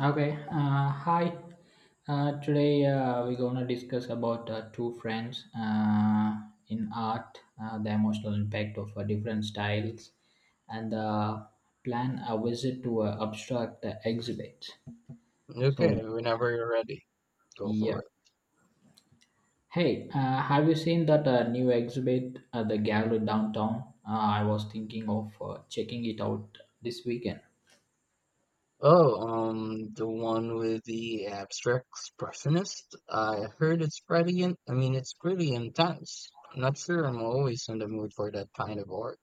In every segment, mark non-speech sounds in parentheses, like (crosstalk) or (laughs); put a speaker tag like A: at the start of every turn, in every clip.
A: Okay, hi. Today we're gonna discuss about two friends in art, the emotional impact of different styles, and plan a visit to abstract exhibit. So
B: Okay, whenever you're ready, go for
A: yeah,
B: it.
A: hey, have you seen that new exhibit at the gallery downtown? I was thinking of checking it out this weekend.
B: Oh, the one with the abstract expressionist. I heard it's pretty it's pretty intense. I'm not sure I'm always in the mood for that kind of art.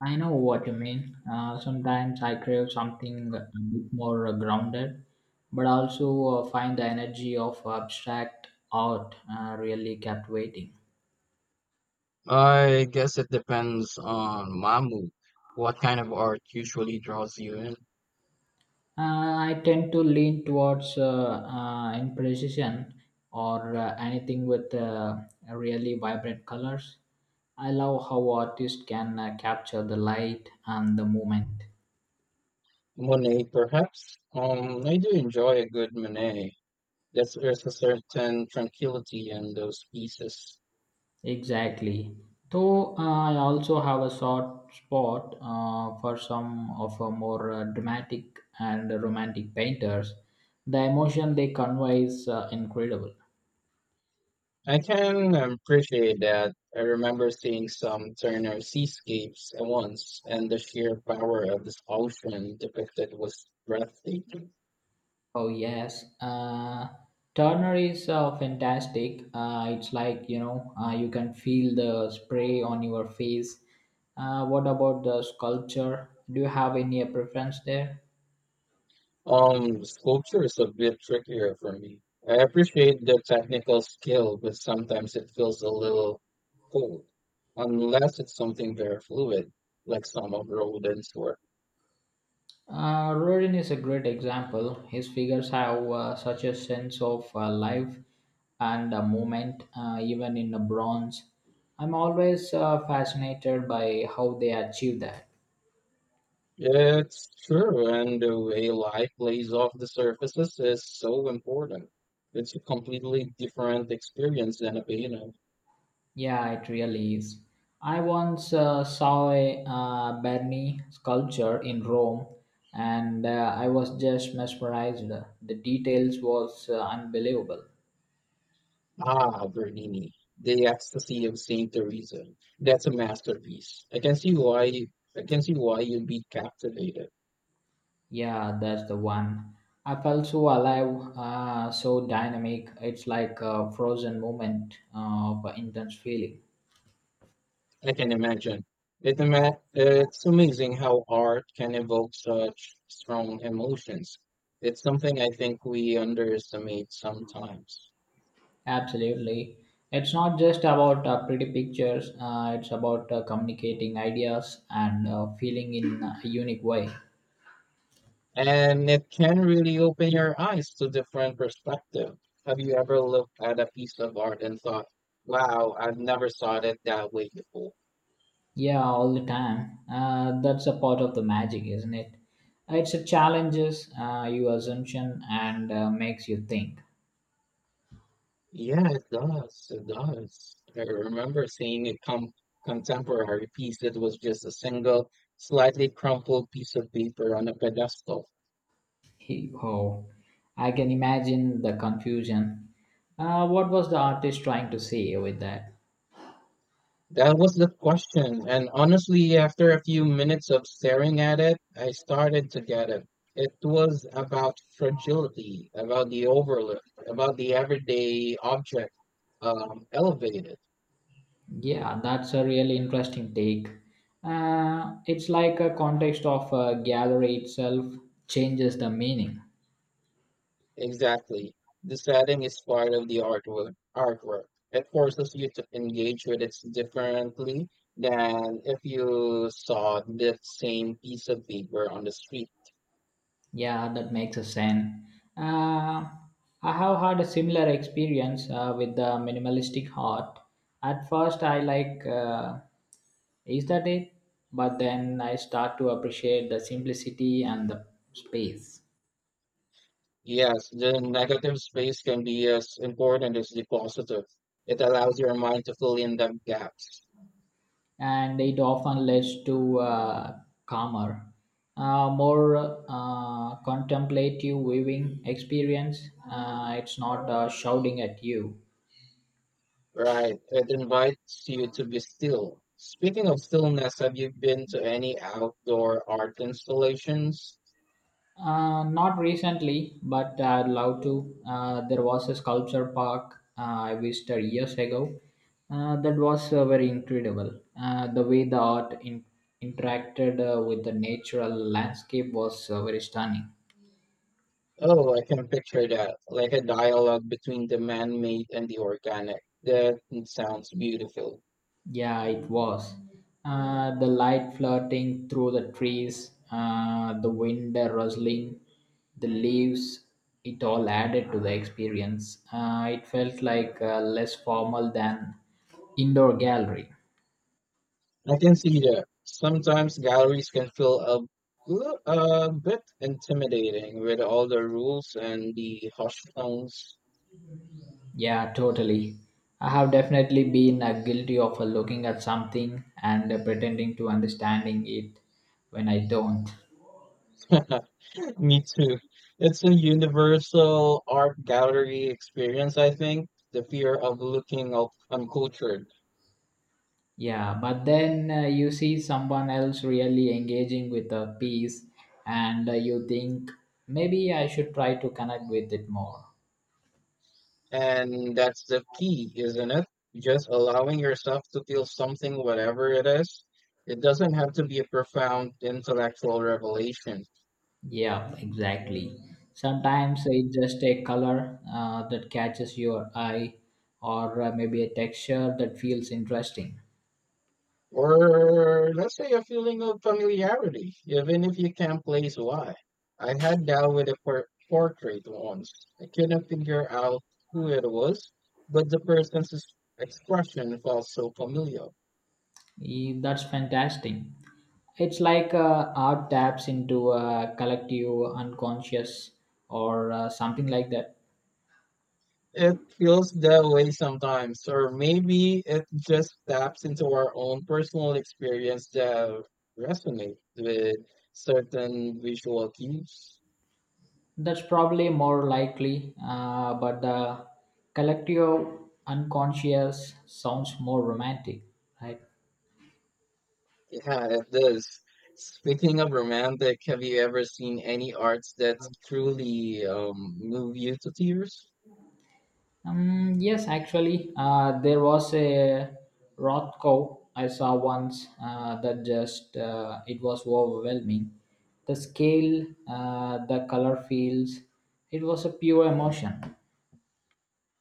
A: I know what you mean. Sometimes I crave something a bit more grounded, but also find the energy of abstract art really captivating.
B: I guess it depends on my mood. What kind of art usually draws you in?
A: Uh, I tend to lean towards imprecision or anything with really vibrant colors. I love how artists can capture the light and the moment.
B: Monet, perhaps? I do enjoy a good Monet. There's a certain tranquility in those pieces.
A: Exactly. Though I also have a soft spot for some of a more dramatic and romantic painters. The emotion they convey is incredible.
B: I can appreciate that. I remember seeing some Turner seascapes at once, and the sheer power of this ocean depicted was breathtaking.
A: Oh yes, Turner is fantastic. It's like you can feel the spray on your face. What about the sculpture? Do you have any preference there?
B: Sculpture is a bit trickier for me. I appreciate the technical skill, but sometimes it feels a little cold, unless it's something very fluid, like some of Rodin's work.
A: Rodin is a great example. His figures have such a sense of life and movement, even in the bronze. I'm always fascinated by how they achieve that.
B: Yeah, it's true, and the way light plays off the surfaces is so important. It's a completely different experience than a painting.
A: Yeah, it really is. I once saw a Berni sculpture in Rome, and I was just mesmerized. The details was unbelievable.
B: Ah, Bernini, the ecstasy of Saint Teresa. That's a masterpiece. I can see why. I can see why you'd be captivated.
A: Yeah, that's the one. I felt so alive, so dynamic. It's like a frozen moment of intense feeling.
B: I can imagine. It's amazing how art can evoke such strong emotions. It's something I think we underestimate sometimes.
A: Absolutely. It's not just about pretty pictures, it's about communicating ideas and feeling in a unique way.
B: And it can really open your eyes to different perspective. Have you ever looked at a piece of art and thought, wow, I've never saw it that way before?
A: Yeah, all the time. That's a part of the magic, isn't it? It's a challenges your assumption and makes you think.
B: Yeah, it does. It does. I remember seeing a contemporary piece that was just a single, slightly crumpled piece of paper on a pedestal.
A: Oh, I can imagine the confusion. What was the artist trying to say with that?
B: That was the question, and honestly, after a few minutes of staring at it, I started to get it. It was about fragility, about the overlook, about the everyday object, elevated.
A: Yeah, that's a really interesting take. It's like a context of a gallery itself changes the meaning.
B: Exactly. The setting is part of the artwork. Artwork. It forces you to engage with it differently than if you saw the same piece of paper on the street.
A: Yeah, that makes a sense. Uh, I have had a similar experience with the minimalistic art. At first, I like, is that it? But then I start to appreciate the simplicity and the space,
B: Yes, the negative space can be as important as the positive. It allows your mind to fill in the gaps.
A: and it often leads to calmer, more contemplative viewing experience. It's not shouting at you.
B: Right. It invites you to be still. Speaking of stillness, have you been to any outdoor art installations?
A: Not recently, but I'd love to. There was a sculpture park I visited years ago. That was very incredible. The way the interacted with the natural landscape was very stunning.
B: Oh, I can picture that. Like a dialogue between the man-made and the organic. That sounds beautiful.
A: Yeah, it was. The light flirting through the trees, the wind rustling, the leaves, it all added to the experience. It felt like less formal than indoor gallery.
B: I can see that. Sometimes galleries can feel a bit intimidating with all the rules and the harsh tones.
A: Yeah, totally. I have definitely been guilty of looking at something and pretending to understanding it when I don't.
B: (laughs) Me too. It's a universal art gallery experience, I think. The fear of looking uncultured.
A: Yeah, but then you see someone else really engaging with a piece, and you think maybe I should try to connect with it more.
B: And that's the key, isn't it? Just allowing yourself to feel something, whatever it is. It doesn't have to be a profound intellectual revelation.
A: Yeah, exactly. Sometimes it's just a color that catches your eye, or maybe a texture that feels interesting.
B: Or let's say a feeling of familiarity, even if you can't place why. I had that with a portrait once. I couldn't figure out who it was, but the expression felt so familiar.
A: That's fantastic. It's like art taps into a collective unconscious or something like that.
B: It feels that way sometimes, or maybe it just taps into our own personal experience that resonates with certain visual cues.
A: That's probably more likely, but the collective unconscious sounds more romantic, right?
B: Yeah, it does. Speaking of romantic, have you ever seen any arts that truly move you to tears?
A: Yes, actually, there was a Rothko I saw once that just it was overwhelming. The scale, the color fields, it was a pure emotion.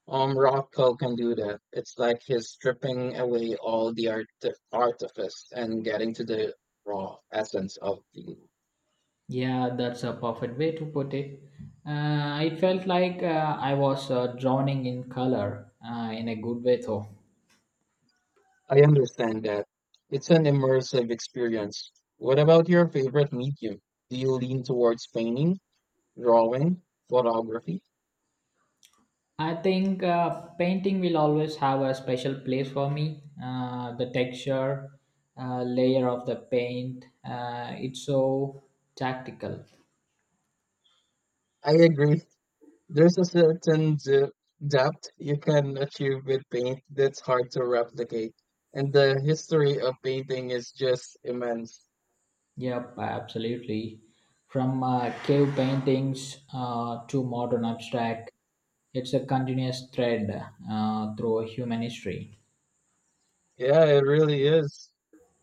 B: Rothko can do that. It's like he's stripping away all the artifice and getting to the raw essence of the.
A: Yeah, that's a perfect way to put it. It felt like I was drowning in color in a good way, though.
B: I understand that. It's an immersive experience. What about your favorite medium? Do you lean towards painting, drawing, photography?
A: I think painting will always have a special place for me. The texture, layer of the paint, it's so tactical.
B: I agree. There's a certain depth you can achieve with paint that's hard to replicate. And the history of painting is just immense.
A: Yep, absolutely. From cave paintings to modern abstract, it's a continuous thread through human history.
B: Yeah, it really is.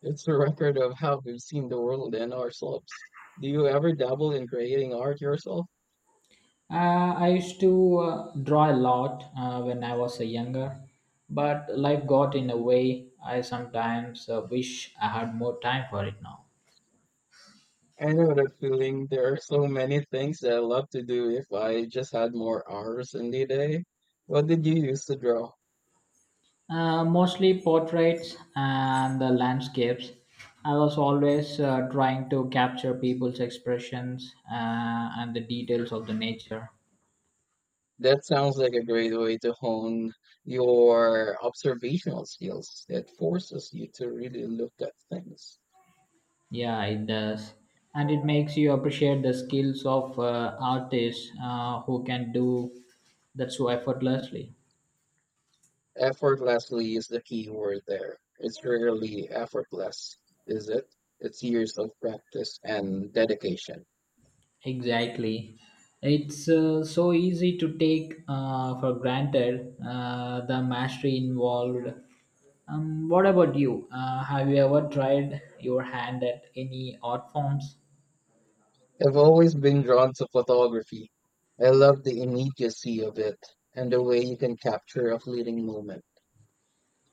B: It's a record of how we've seen the world and ourselves. Do you ever dabble in creating art yourself?
A: I used to draw a lot when I was a younger, but life got in a way. I sometimes wish I had more time for it now.
B: I know that feeling. There are so many things that I love to do if I just had more hours in the day. What did you use to draw?
A: Mostly portraits and the landscapes. I was always trying to capture people's expressions and the details of the nature.
B: That sounds like a great way to hone your observational skills. It forces you to really look at things.
A: Yeah, it does. And it makes you appreciate the skills of artists who can do that so effortlessly.
B: Effortlessly is the key word there. It's rarely effortless, is it? It's years of practice and dedication.
A: Exactly. It's so easy to take for granted the mastery involved. What about you? Have you ever tried your hand at any art forms?
B: I've always been drawn to photography. I love the immediacy of it and the way you can capture a fleeting moment.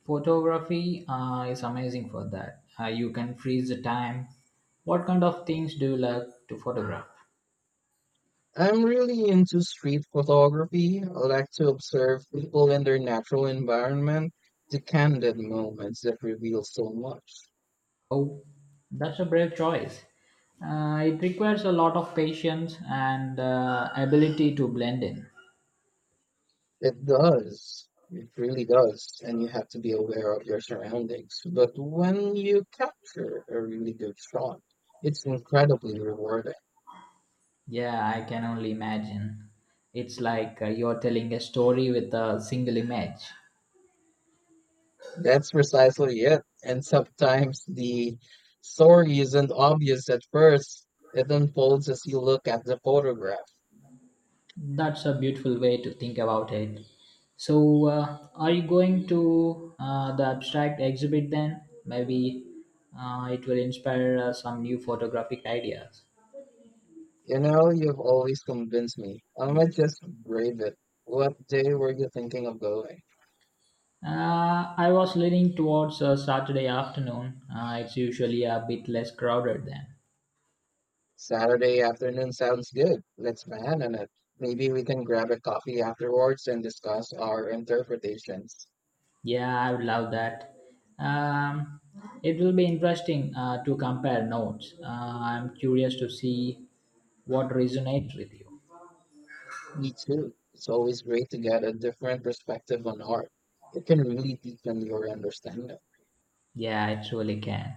A: Photography is amazing for that. You can freeze the time. What kind of things do you like to photograph?
B: I'm really into street photography. I like to observe people in their natural environment, the candid moments that reveal so much.
A: Oh, that's a brave choice. It requires a lot of patience and ability to blend in.
B: It does. It really does. And you have to be aware of your surroundings. But when you capture a really good shot, it's incredibly rewarding.
A: Yeah, I can only imagine. It's like you're telling a story with a single image.
B: That's precisely it. And sometimes the story isn't obvious at first. It unfolds as you look at the photograph.
A: That's a beautiful way to think about it. So, are you going to the abstract exhibit then? Maybe it will inspire some new photographic ideas.
B: You know, you've always convinced me. I might just brave it. What day were you thinking of going?
A: I was leaning towards Saturday afternoon. It's usually a bit less crowded then.
B: Saturday afternoon sounds good. Let's plan on it. Maybe we can grab a coffee afterwards and discuss our interpretations.
A: Yeah, I would love that. Um, it will be interesting to compare notes. I'm curious to see what resonates with you.
B: Me too. It's always great to get a different perspective on art. It can really deepen your understanding.
A: Yeah, it really can.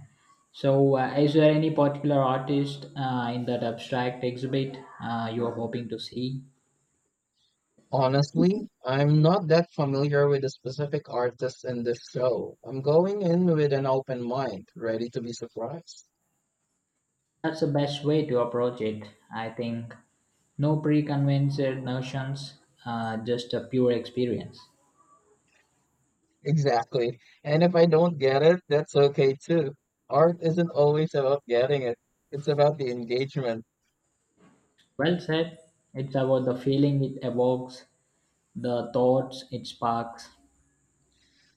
A: So, is there any particular artist in that abstract exhibit you are hoping to see?
B: Honestly, I'm not that familiar with the specific artists in this show. I'm going in with an open mind, ready to be surprised.
A: That's the best way to approach it, I think. No preconceived notions, just a pure experience.
B: Exactly. And if I don't get it, that's okay too. Art isn't always about getting it. It's about the engagement.
A: Well said. It's about the feeling it evokes the thoughts it sparks.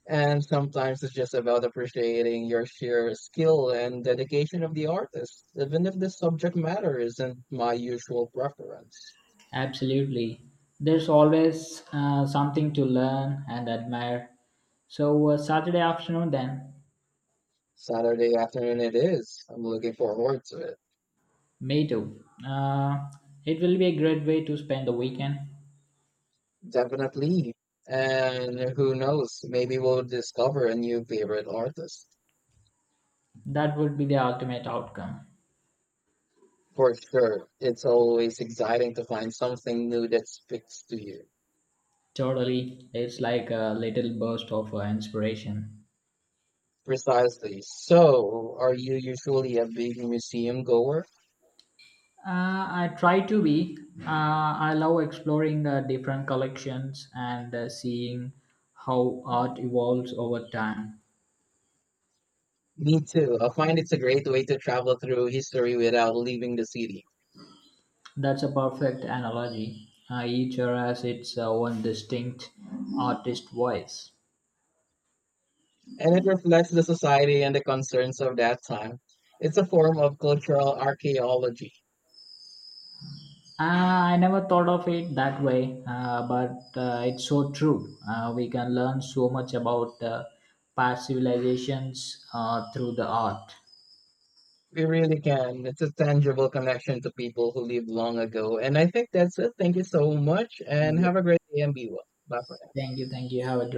B: And sometimes it's just about appreciating your sheer skill and dedication of the artist, even if the subject matter isn't my usual preference.
A: Absolutely. There's always something to learn and admire. So, Saturday afternoon, then,
B: Saturday afternoon it is. I'm looking forward to it.
A: me too. It will be a great way to spend the weekend.
B: Definitely. And who knows, maybe we'll discover a new favorite artist.
A: That would be the ultimate outcome.
B: For sure, it's always exciting to find something new that speaks to you.
A: Totally. It's like a little burst of inspiration.
B: Precisely. So, are you usually a big museum goer?
A: Uh, I try to be. I love exploring different collections and seeing how art evolves over time.
B: Me too. I find it's a great way to travel through history without leaving the city.
A: That's a perfect analogy. Each era has its own distinct artist voice.
B: And it reflects the society and the concerns of that time. It's a form of cultural archaeology.
A: Ah, I never thought of it that way, but it's so true. We can learn so much about past civilizations through the art.
B: We really can. It's a tangible connection to people who lived long ago. And I think that's it. Thank you so much and
A: Yeah.
B: have a great day and be well. Bye for
A: Thank you. Thank you. Have a